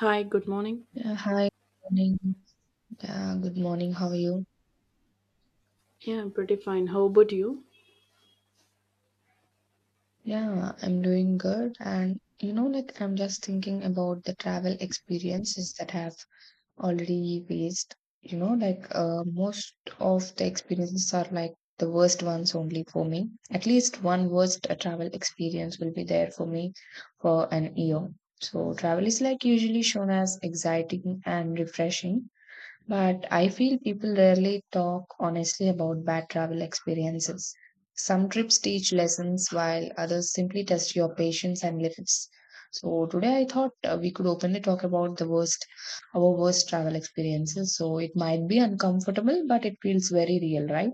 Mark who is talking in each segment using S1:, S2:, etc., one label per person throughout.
S1: Hi, good morning.
S2: Yeah, hi, morning. Yeah, good morning. How are you?
S1: Yeah, I'm pretty fine. How about you?
S2: Yeah, I'm doing good. And you know, like I'm just thinking about the travel experiences that have already faced. You know, like most of the experiences are like the worst ones only for me. At least one worst travel experience will be there for me for an year. So travel is like usually shown as exciting and refreshing, but I feel people rarely talk honestly about bad travel experiences. Some trips teach lessons while others simply test your patience and limits. So today I thought we could openly talk about our worst travel experiences. So it might be uncomfortable, but it feels very real, right?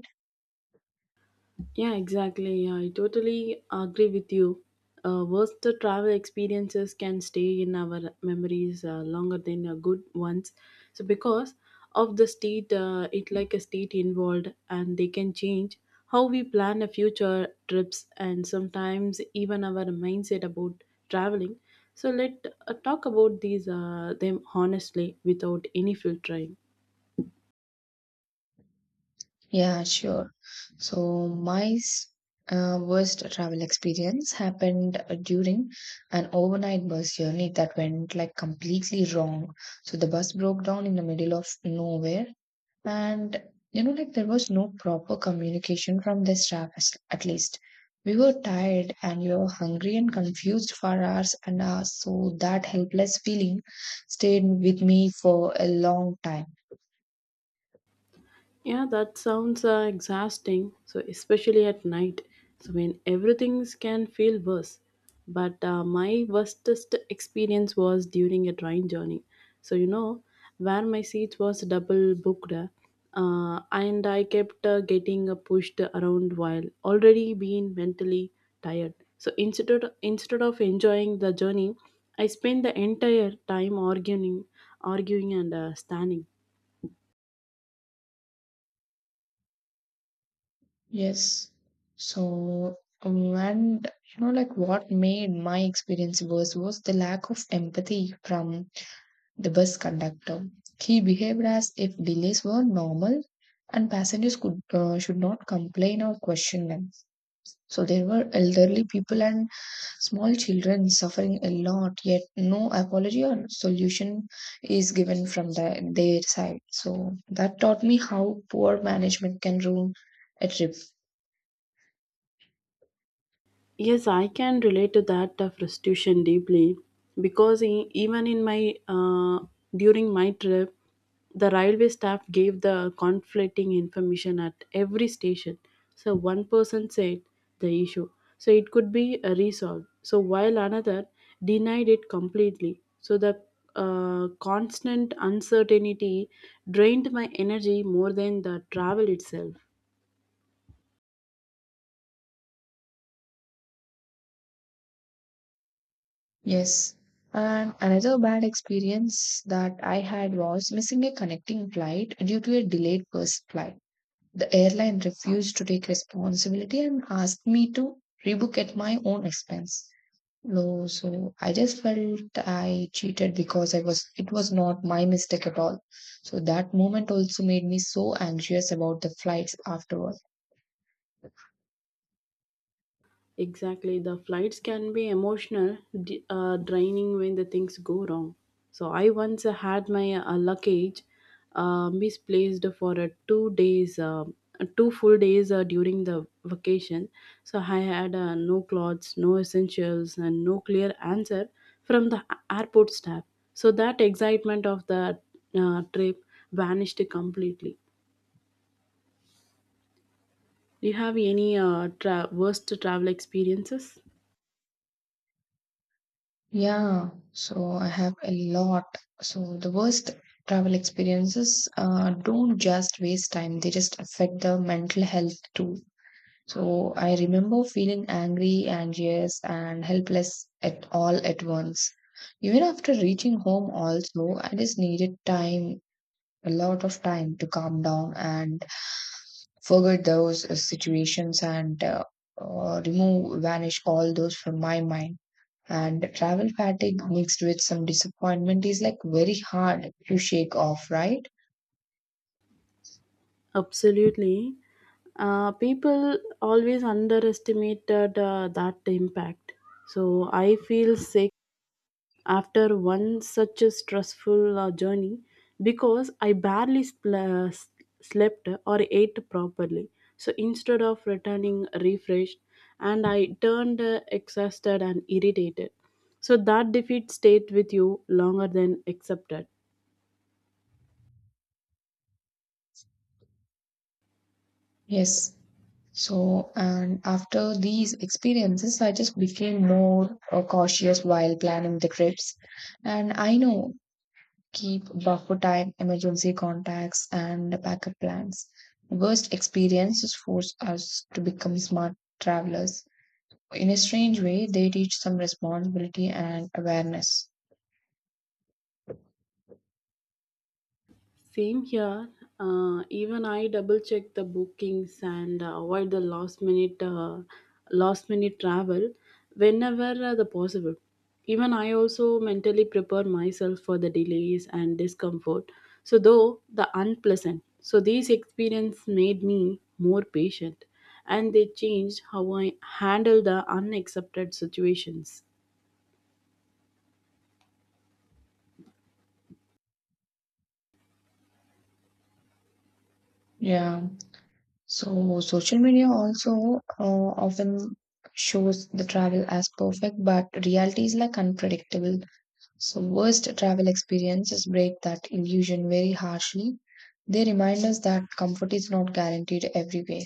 S1: Yeah, exactly. Yeah, I totally agree with you. Worst travel experiences can stay in our memories longer than good ones. So because of the state, it like a state involved, and they can change how we plan a future trips and sometimes even our mindset about traveling. So let talk about these them honestly without any filtering.
S2: Yeah, sure. So my worst travel experience happened during an overnight bus journey that went like completely wrong. So the bus broke down in the middle of nowhere, and you know, like there was no proper communication from the staff, at least. We were tired and we were hungry and confused for hours and hours, so that helpless feeling stayed with me for a long time.
S1: Yeah, that sounds exhausting. So, especially at night, so when everything can feel worse. But my worstest experience was during a train journey. So, you know, where my seat was double booked, and I kept getting pushed around while already being mentally tired. So, instead of enjoying the journey, I spent the entire time arguing, arguing and standing.
S2: Yes. So, and you know, like what made my experience worse was the lack of empathy from the bus conductor. He behaved as if delays were normal and passengers could should not complain or question them. So there were elderly people and small children suffering a lot, yet no apology or solution is given from their side. So that taught me how poor management can ruin a trip.
S1: Yes, I can relate to that frustration deeply because even in my during my trip, the railway staff gave the conflicting information at every station. So one person said the issue, so it could be resolved. So while another denied it completely. So the constant uncertainty drained my energy more than the travel itself.
S2: Yes. And another bad experience that I had was missing a connecting flight due to a delayed first flight. The airline refused to take responsibility and asked me to rebook at my own expense. No, so I just felt I cheated because I was it was not my mistake at all. So that moment also made me so anxious about the flights afterward.
S1: Exactly. The flights can be emotional, draining when the things go wrong. So I once had my luggage misplaced for 2 days, two full days during the vacation. So I had no clothes, no essentials, and no clear answer from the airport staff. So that excitement of the trip vanished completely. Do you have any worst travel experiences?
S2: Yeah, so I have a lot. So the worst travel experiences don't just waste time, they just affect the mental health too. So I remember feeling angry, anxious, and helpless at all at once. Even after reaching home, also, I just needed time, a lot of time to calm down and forget those situations and remove, vanish all those from my mind. And travel fatigue mixed with some disappointment is like very hard to shake off, right?
S1: Absolutely. People always underestimated that impact. So I feel sick after one such a stressful journey because I barely slept or ate properly. So instead of returning refreshed, and I turned exhausted and irritated. So that defeat stayed with you longer than accepted.
S2: Yes. So, and after these experiences, I just became more cautious while planning the trips. And I know keep buffer time, emergency contacts, and backup plans. Worst experiences force us to become smart travelers. In a strange way, they teach some responsibility and awareness.
S1: Same here. Even I double check the bookings and avoid the last minute travel whenever the possible. Even I also mentally prepare myself for the delays and discomfort. So though the unpleasant. So these experience made me more patient and they changed how I handle the unaccepted situations.
S2: Yeah. So social media also often shows the travel as perfect, but reality is like unpredictable. So worst travel experiences break that illusion very harshly. They remind us that comfort is not guaranteed everywhere.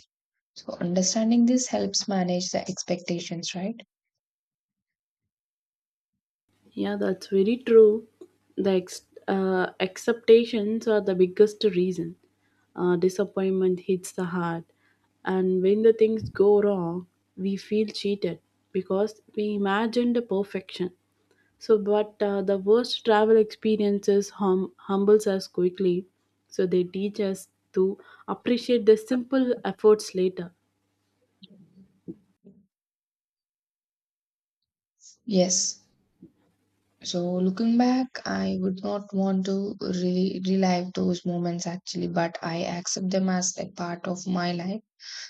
S2: So understanding this helps manage the expectations, right?
S1: Yeah, that's very true. The acceptations are the biggest reason. Disappointment hits the heart, and when the things go wrong, we feel cheated because we imagined the perfection. So, but the worst travel experiences humbles us quickly. So they teach us to appreciate the simple efforts later.
S2: Yes. So looking back, I would not want to really relive those moments actually, but I accept them as a part of my life.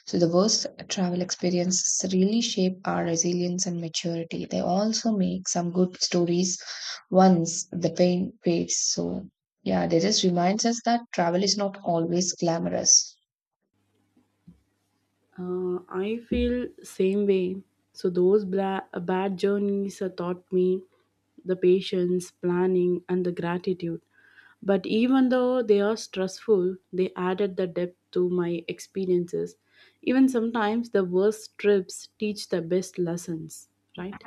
S2: So the worst travel experiences really shape our resilience and maturity. They also make some good stories once the pain fades. So yeah, they just reminds us that travel is not always glamorous.
S1: I feel same way. So those bad journeys taught me the patience, planning, and the gratitude. But even though they are stressful, they added the depth to my experiences. Even sometimes the worst trips teach the best lessons, right?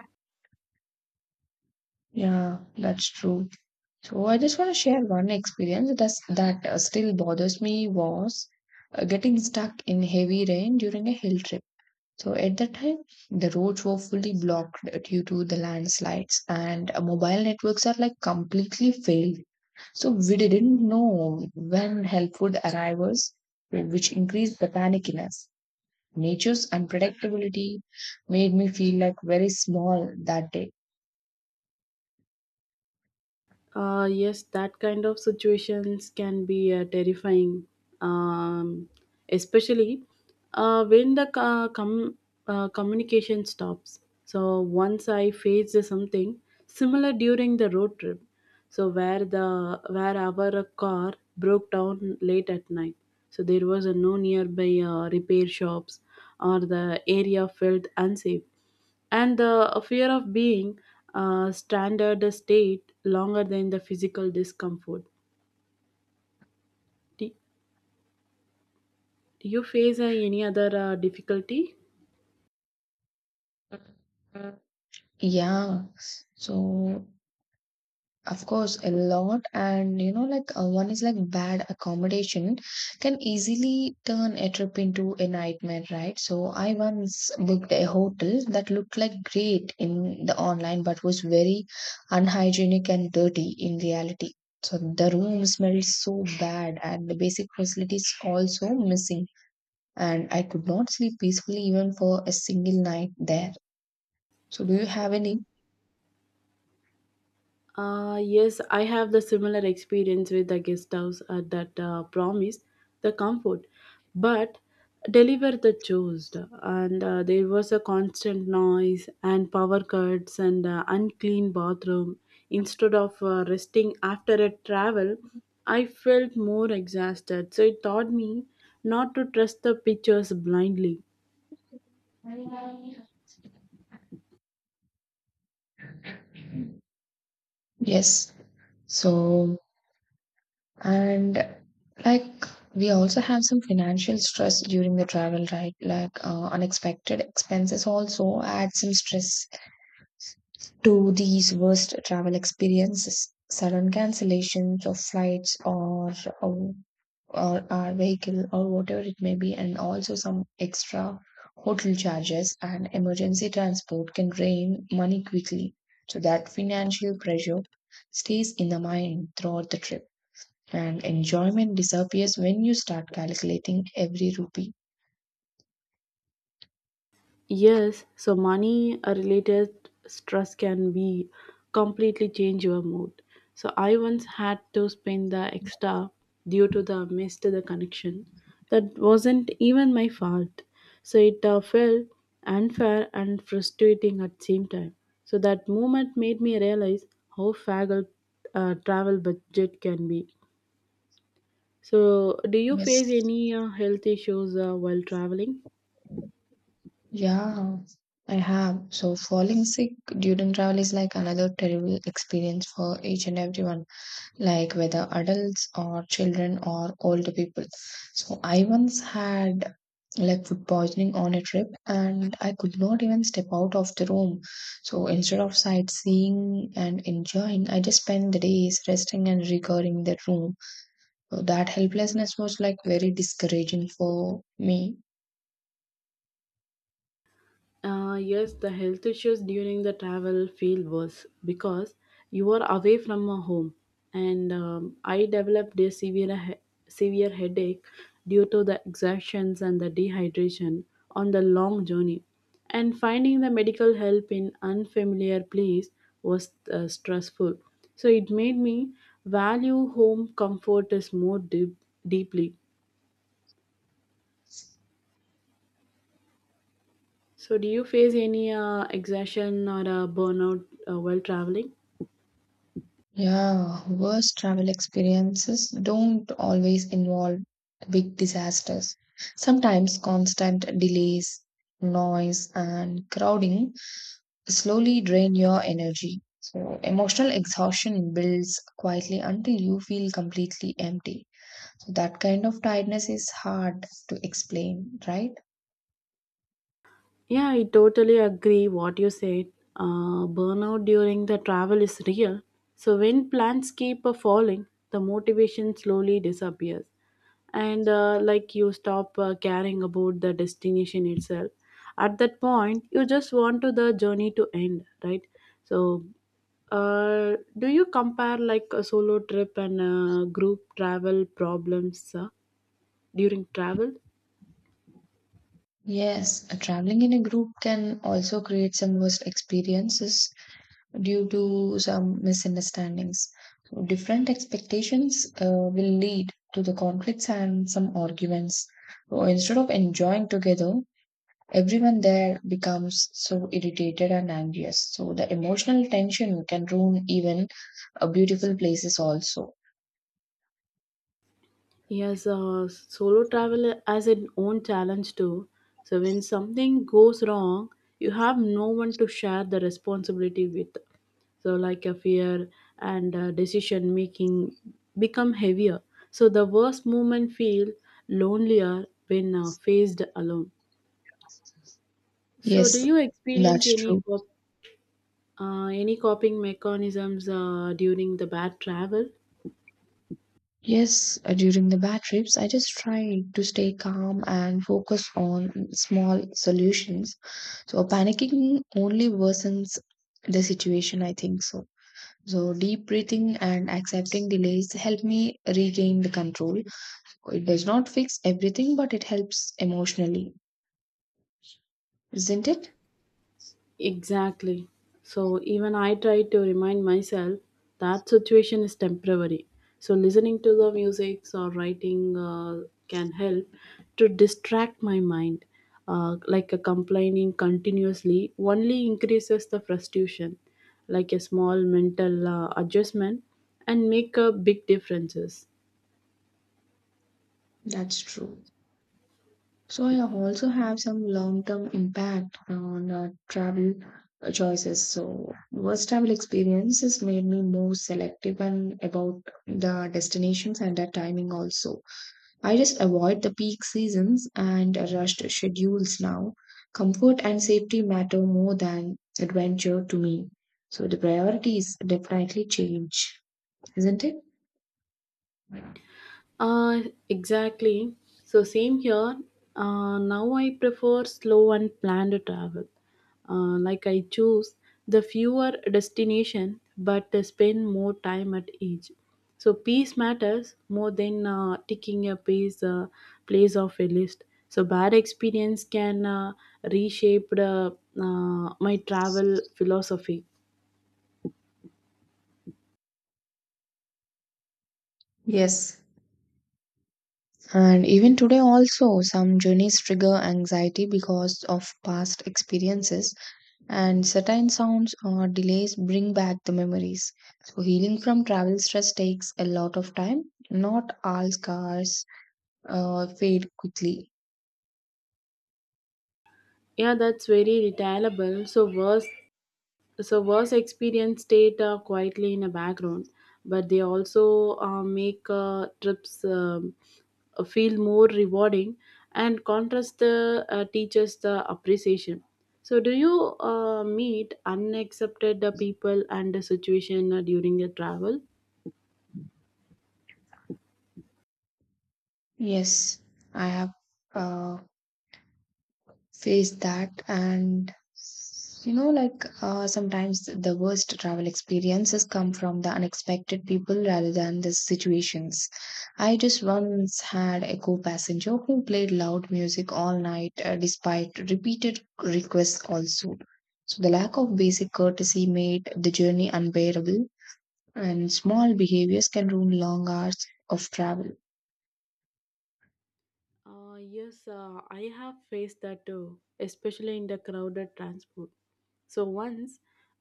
S2: Yeah, that's true. So I just want to share one experience that still bothers me was getting stuck in heavy rain during a hill trip. So at that time, the roads were fully blocked due to the landslides, and mobile networks are like completely failed. So we didn't know when help would arrive us, which increased the panic in us. Nature's unpredictability made me feel like very small that day.
S1: Yes, that kind of situations can be terrifying, um, especially when the communication stops. So once I faced something similar during the road trip, so where our car broke down late at night. So there was a no nearby repair shops, or the area felt unsafe and the fear of being standard state longer than the physical discomfort. Do do you face any other difficulty?
S2: Yeah. So of course, a lot, and you know, like one is like bad accommodation can easily turn a trip into a nightmare, right? So I once booked a hotel that looked like great in the online but was very unhygienic and dirty in reality. So the room smelled so bad, and the basic facilities also missing, and I could not sleep peacefully even for a single night there. So, do you have any?
S1: Yes, I have the similar experience with the guest house that promised the comfort, but deliver the chores. And there was a constant noise and power cuts and unclean bathroom. Instead of resting after a travel, I felt more exhausted. So it taught me not to trust the pictures blindly.
S2: Yes. So, and like, we also have some financial stress during the travel, right? Like, unexpected expenses also add some stress to these worst travel experiences. Sudden cancellations of flights or, or our vehicle or whatever it may be, and also some extra hotel charges and emergency transport can drain money quickly. So that financial pressure stays in the mind throughout the trip and enjoyment disappears when you start calculating every rupee.
S1: Yes, so money related stress can be completely change your mood. So I once had to spend the extra due to the missed the connection that wasn't even my fault. So it felt unfair and frustrating at same time. So that moment made me realize how fragile travel budget can be. So do you face
S2: Yes.
S1: any health issues while traveling?
S2: Yeah, I have. So falling sick during travel is like another terrible experience for each and everyone, like whether adults or children or older people. So I once had like food poisoning on a trip and I could not even step out of the room. So instead of sightseeing and enjoying, I just spent the days resting and recovering the room. That helplessness was like very discouraging for me.
S1: Yes, the health issues during the travel feel worse because you are away from a home, and I developed a severe headache due to the exertions and the dehydration on the long journey, and finding the medical help in unfamiliar place was stressful. So it made me value home comfort is more deeply. So do you face any exhaustion or a burnout while traveling?
S2: Yeah, worst travel experiences don't always involve big disasters. Sometimes constant delays, noise, and crowding slowly drain your energy. So emotional exhaustion builds quietly until you feel completely empty. So that kind of tiredness is hard to explain, right?
S1: Yeah, I totally agree what you said. Burnout during the travel is real. So when plans keep falling, the motivation slowly disappears, and like you stop caring about the destination itself. At that point, you just want to the journey to end, right? So, do you compare like a solo trip and group travel problems during travel?
S2: Yes, traveling in a group can also create some worst experiences due to some misunderstandings. So different expectations will lead to the conflicts and some arguments. So instead of enjoying together, everyone there becomes so irritated and anxious. So the emotional tension can ruin even beautiful places also.
S1: Yes, solo travel has its own challenge too. So when something goes wrong, you have no one to share the responsibility with. So like a fear and decision making become heavier. So the worst moment feel lonelier when faced alone. So do
S2: Yes,
S1: you experience
S2: that's true.
S1: any coping mechanisms during the bad travel?
S2: Yes, during the bad trips, I just try to stay calm and focus on small solutions. So panicking only worsens the situation, I think so. So deep breathing and accepting delays help me regain the control. It does not fix everything, but it helps emotionally, isn't it?
S1: Exactly. So even I try to remind myself that situation is temporary. So listening to the music or writing can help to distract my mind. Like a complaining continuously only increases the frustration. Like a small mental adjustment and make a big differences.
S2: That's true. So I also have some long-term impact on travel choices. So worst travel experiences made me more selective and about the destinations and the timing also. I just avoid the peak seasons and rushed schedules now. Comfort and safety matter more than adventure to me. So the priorities definitely change, isn't it?
S1: Uh, exactly. So same here. Now I prefer slow and planned travel. Like I choose the fewer destination, but I spend more time at each. So peace matters more than ticking a place place of a list. So bad experience can reshape the, my travel philosophy.
S2: Yes. And even today, also, some journeys trigger anxiety because of past experiences, and certain sounds or delays bring back the memories. So healing from travel stress takes a lot of time. Not all scars fade quickly.
S1: Yeah, that's very retailable. So worse so was experience stayed quietly in a background but they also make trips feel more rewarding and contrast the teachers the appreciation. So do you meet unaccepted people and the situation during your travel?
S2: Yes, I have uh, face that and you know, like sometimes the worst travel experiences come from the unexpected people rather than the situations. I just once had a co-passenger who played loud music all night despite repeated requests also. So the lack of basic courtesy made the journey unbearable, and small behaviors can ruin long hours of travel.
S1: Yes, I have faced that too, especially in the crowded transport. So once,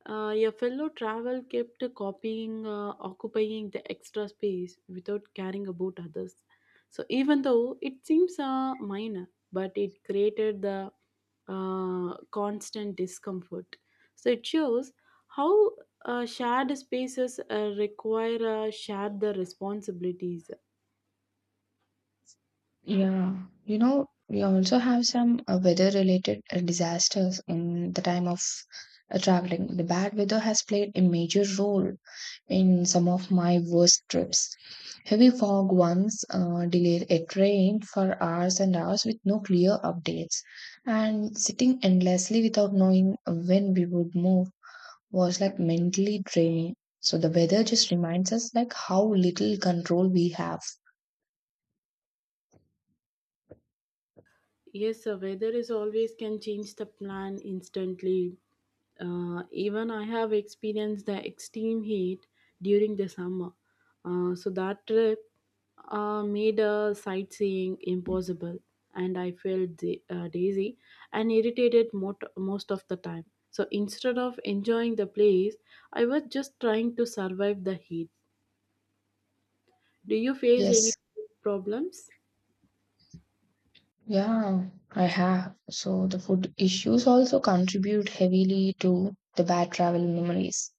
S1: a fellow travel kept copying, occupying the extra space without caring about others. So even though it seems minor, but it created the constant discomfort. So it shows how shared spaces require share the responsibilities.
S2: Yeah, you know, we also have some weather-related disasters in the time of traveling. The bad weather has played a major role in some of my worst trips. Heavy fog once delayed a train for hours and hours with no clear updates, and sitting endlessly without knowing when we would move was like mentally draining. So the weather just reminds us like how little control we have.
S1: Yes, the weather is always can change the plan instantly. Even I have experienced the extreme heat during the summer. So that trip made sightseeing impossible, and I felt daisy and irritated most of the time. So instead of enjoying the place, I was just trying to survive the heat. Do you face any
S2: Yes.
S1: problems?
S2: Yeah, I have. So the food issues also contribute heavily to the bad travel memories.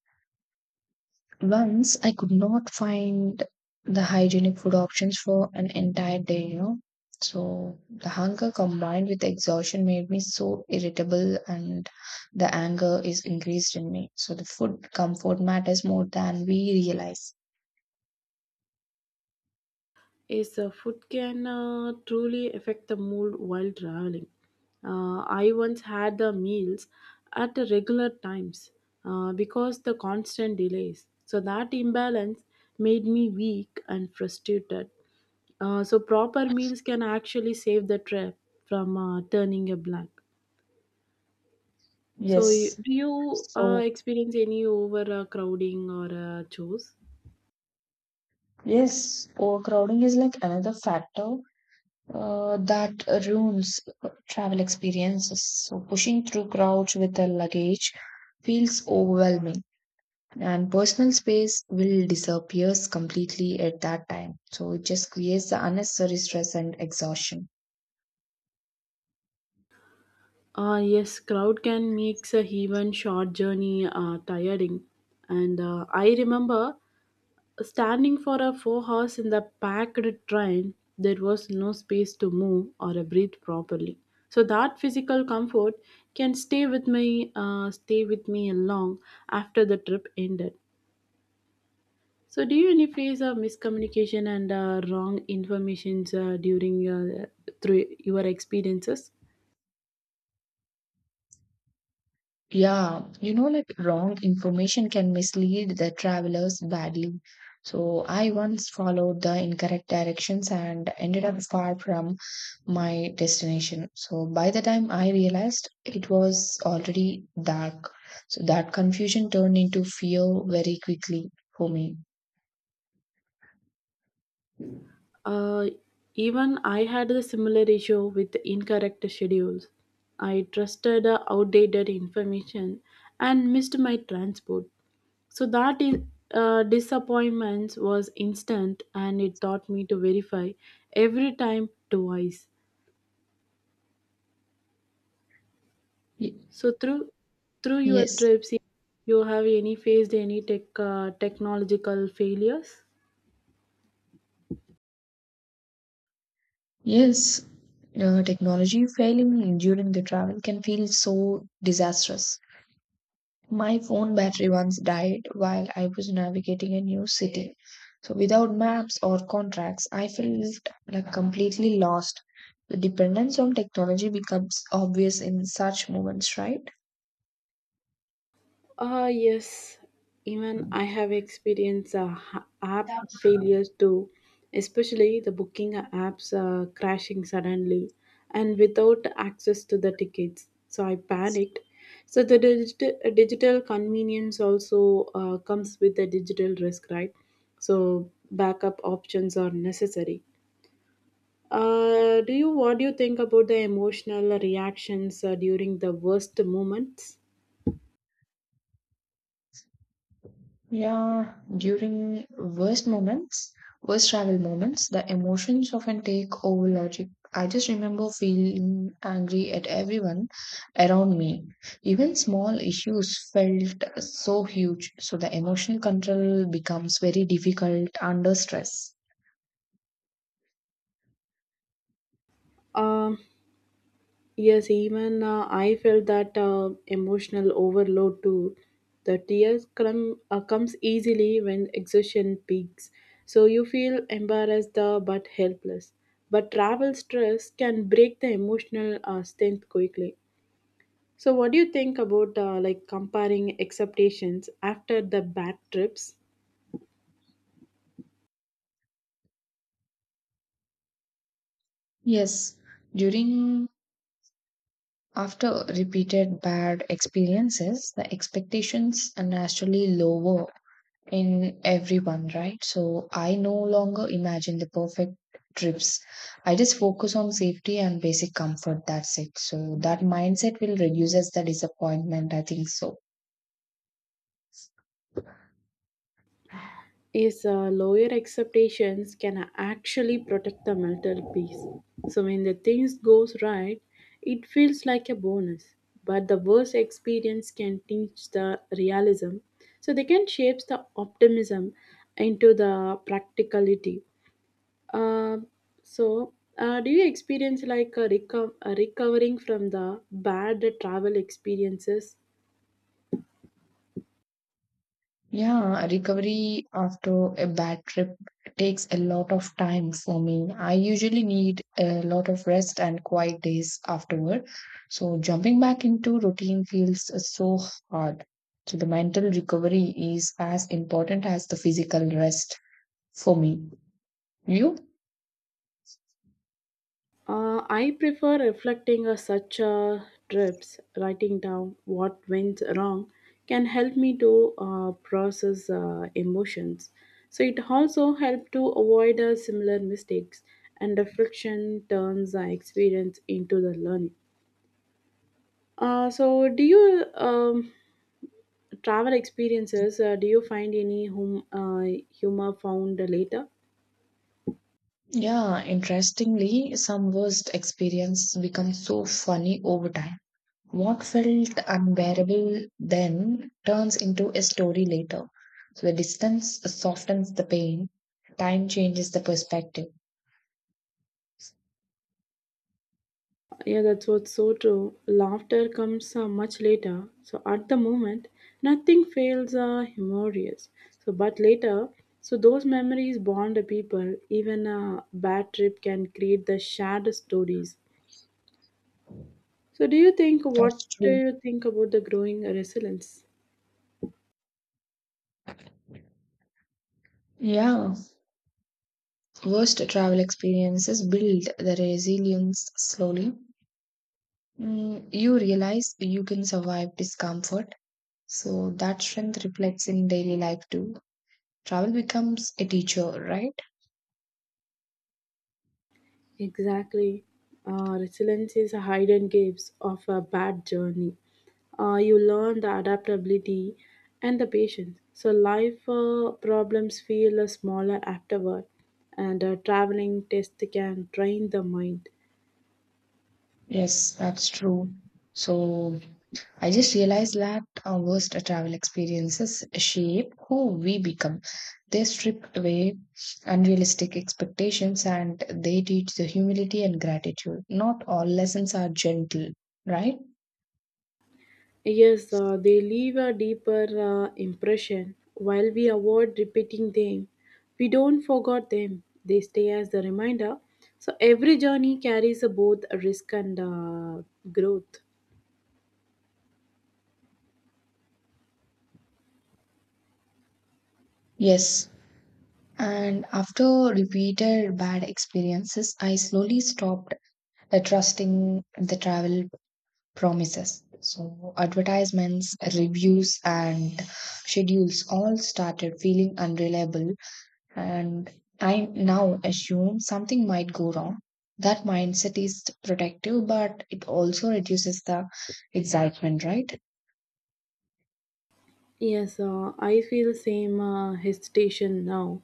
S2: Once I could not find the hygienic food options for an entire day, you know. So the hunger combined with exhaustion made me so irritable and the anger is increased in me. So the food comfort matters more than we realize.
S1: Is food can truly affect the mood while traveling. I once had the meals at the regular times because the constant delays. So that imbalance made me weak and frustrated. So proper meals can actually save the trip from turning a blank. So
S2: Yes.
S1: do you
S2: So
S1: experience any overcrowding or chores?
S2: yes, overcrowding is like another factor that ruins travel experiences. So pushing through crowds with a luggage feels overwhelming, and personal space will disappears completely at that time. So it just creates the unnecessary stress and exhaustion.
S1: Yes, crowd can make a even short journey tiring. And I remember standing for a 4 hours in the packed train. There was no space to move or breathe properly. So that physical comfort can stay with me long after the trip ended. So do you any face of miscommunication and wrong informations during your through your experiences?
S2: Yeah, you know, like wrong information can mislead the travelers badly. So I once followed the incorrect directions and ended up far from my destination. So by the time I realized it was already dark. So that confusion turned into fear very quickly for me.
S1: Uh, Even I had the similar issue with incorrect schedules. I trusted outdated information and missed my transport. So that is, disappointment was instant and it taught me to verify every time twice.
S2: Y-
S1: So through your
S2: Yes,
S1: trips, you have any faced any technological failures?
S2: yes. Technology failing during the travel can feel so disastrous. My phone battery once died while I was navigating a new city. So without maps or contracts, I felt like completely lost. The dependence on technology becomes obvious in such moments, right?
S1: Ah yes, even I have experienced app failures too, especially the booking apps crashing suddenly and without access to the tickets. So I panicked. So the digital convenience also comes with the digital risk, right? So backup options are necessary. Do you What do you think about the emotional reactions during the worst moments?
S2: Yeah, during worst travel moments, the emotions often take over logic. I just remember feeling angry at everyone around me. Even small issues felt so huge, so the emotional control becomes very difficult under stress.
S1: Um, Yes, even I felt that emotional overload too. The tears comes easily when exhaustion peaks, so you feel embarrassed but helpless. But travel stress can break the emotional strength quickly. So, what do you think about like comparing expectations after the bad trips?
S2: Yes, during after repeated bad experiences, the expectations are naturally lower in everyone, right? So I no longer imagine the perfect trips. I just focus on safety and basic comfort. That's it. So that mindset will reduces the disappointment, I think so.
S1: Is lower expectations can actually protect the mental peace. So when the things goes right, it feels like a bonus. But the worst experience can teach the realism. So they can shape the optimism into the practicality. Uh, so do you experience like a recovering from the bad travel experiences?
S2: Yeah, recovery after a bad trip takes a lot of time for me. I usually need a lot of rest and quiet days afterward. So jumping back into routine feels so hard. So the mental recovery is as important as the physical rest for me. You?
S1: I prefer reflecting on such trips, writing down what went wrong can help me to process emotions. So it also helps to avoid similar mistakes and reflection turns the experience into the learning. So do you travel experiences, do you find any humor found later?
S2: Yeah, interestingly, some worst experience become so funny over time. What felt unbearable then turns into a story later. So the distance softens the pain, time changes the perspective.
S1: Yeah, that's what's so true. Laughter comes much later. So at the moment, nothing feels humorous. So but later, so those memories bond the people. Even a bad trip can create the shared stories. So do you think what
S2: That's
S1: do
S2: true.
S1: you think about the growing resilience?
S2: Yeah, worst travel experiences build the resilience slowly. Mm, you realize you can survive discomfort, so that strength reflects in daily life too. Travel becomes a teacher, right?
S1: Exactly. Resilience is a hidden gifts of a bad journey. You learn the adaptability and the patience. So life problems feel smaller afterward, and traveling test can train the mind.
S2: Yes, that's true. So I just realized that our worst travel experiences shape who we become. They strip away unrealistic expectations and they teach the humility and gratitude. Not all lessons are gentle, right?
S1: Yes, they leave a deeper impression. While we avoid repeating them, we don't forget them. They stay as the reminder. So every journey carries both risk and growth.
S2: Yes. And after repeated bad experiences, I slowly stopped trusting the travel promises. So advertisements, reviews, and schedules all started feeling unreliable, and I now assume something might go wrong. That mindset is protective, but it also reduces the excitement, right?
S1: Yes, I feel same hesitation now.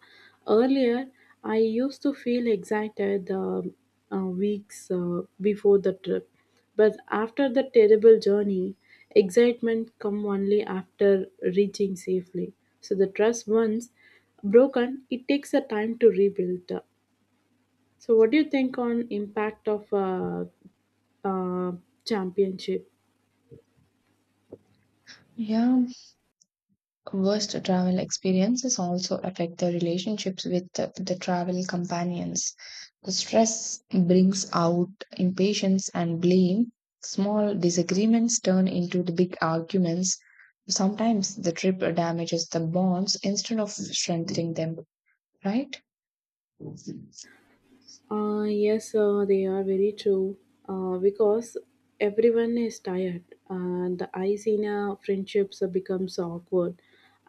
S1: Earlier, I used to feel excited weeks before the trip, but after the terrible journey, excitement come only after reaching safely. So the trust once broken, it takes a time to rebuild. So what do you think on impact of uh, championship?
S2: Yeah, worst travel experiences also affect the relationships with the travel companions. The stress brings out impatience and blame. Small disagreements turn into the big arguments. Sometimes the trip damages the bonds instead of strengthening them, right? Yes.
S1: Yes, they are very true because everyone is tired and the ice in a friendships becomes awkward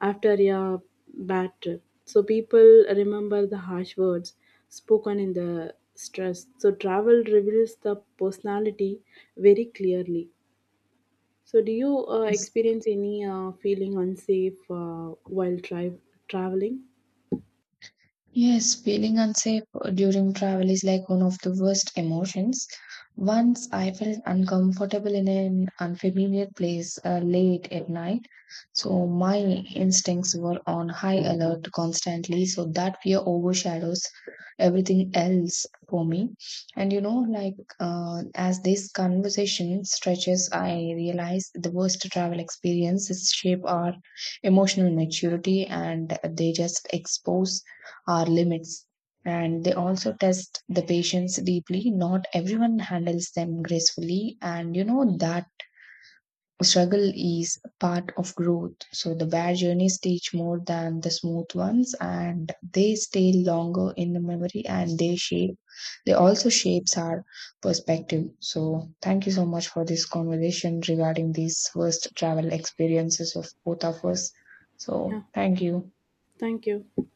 S1: after a bad trip. So people remember the harsh words spoken in the stress. So travel reveals the personality very clearly. So do you experience any feeling unsafe while traveling?
S2: Yes, feeling unsafe during travel is like one of the worst emotions. Once I felt uncomfortable in an unfamiliar place late at night. So my instincts were on high alert constantly, so that fear overshadows everything else for me. And you know, like as this conversation stretches, I realize the worst travel experiences shape our emotional maturity and they just expose our limits. And they also test the patience deeply. Not everyone handles them gracefully. And you know, that struggle is part of growth. So the bad journeys teach more than the smooth ones and they stay longer in the memory and they also shapes our perspective. So thank you so much for this conversation regarding these first travel experiences of both of us.
S1: Yeah,
S2: So thank you.
S1: thank you.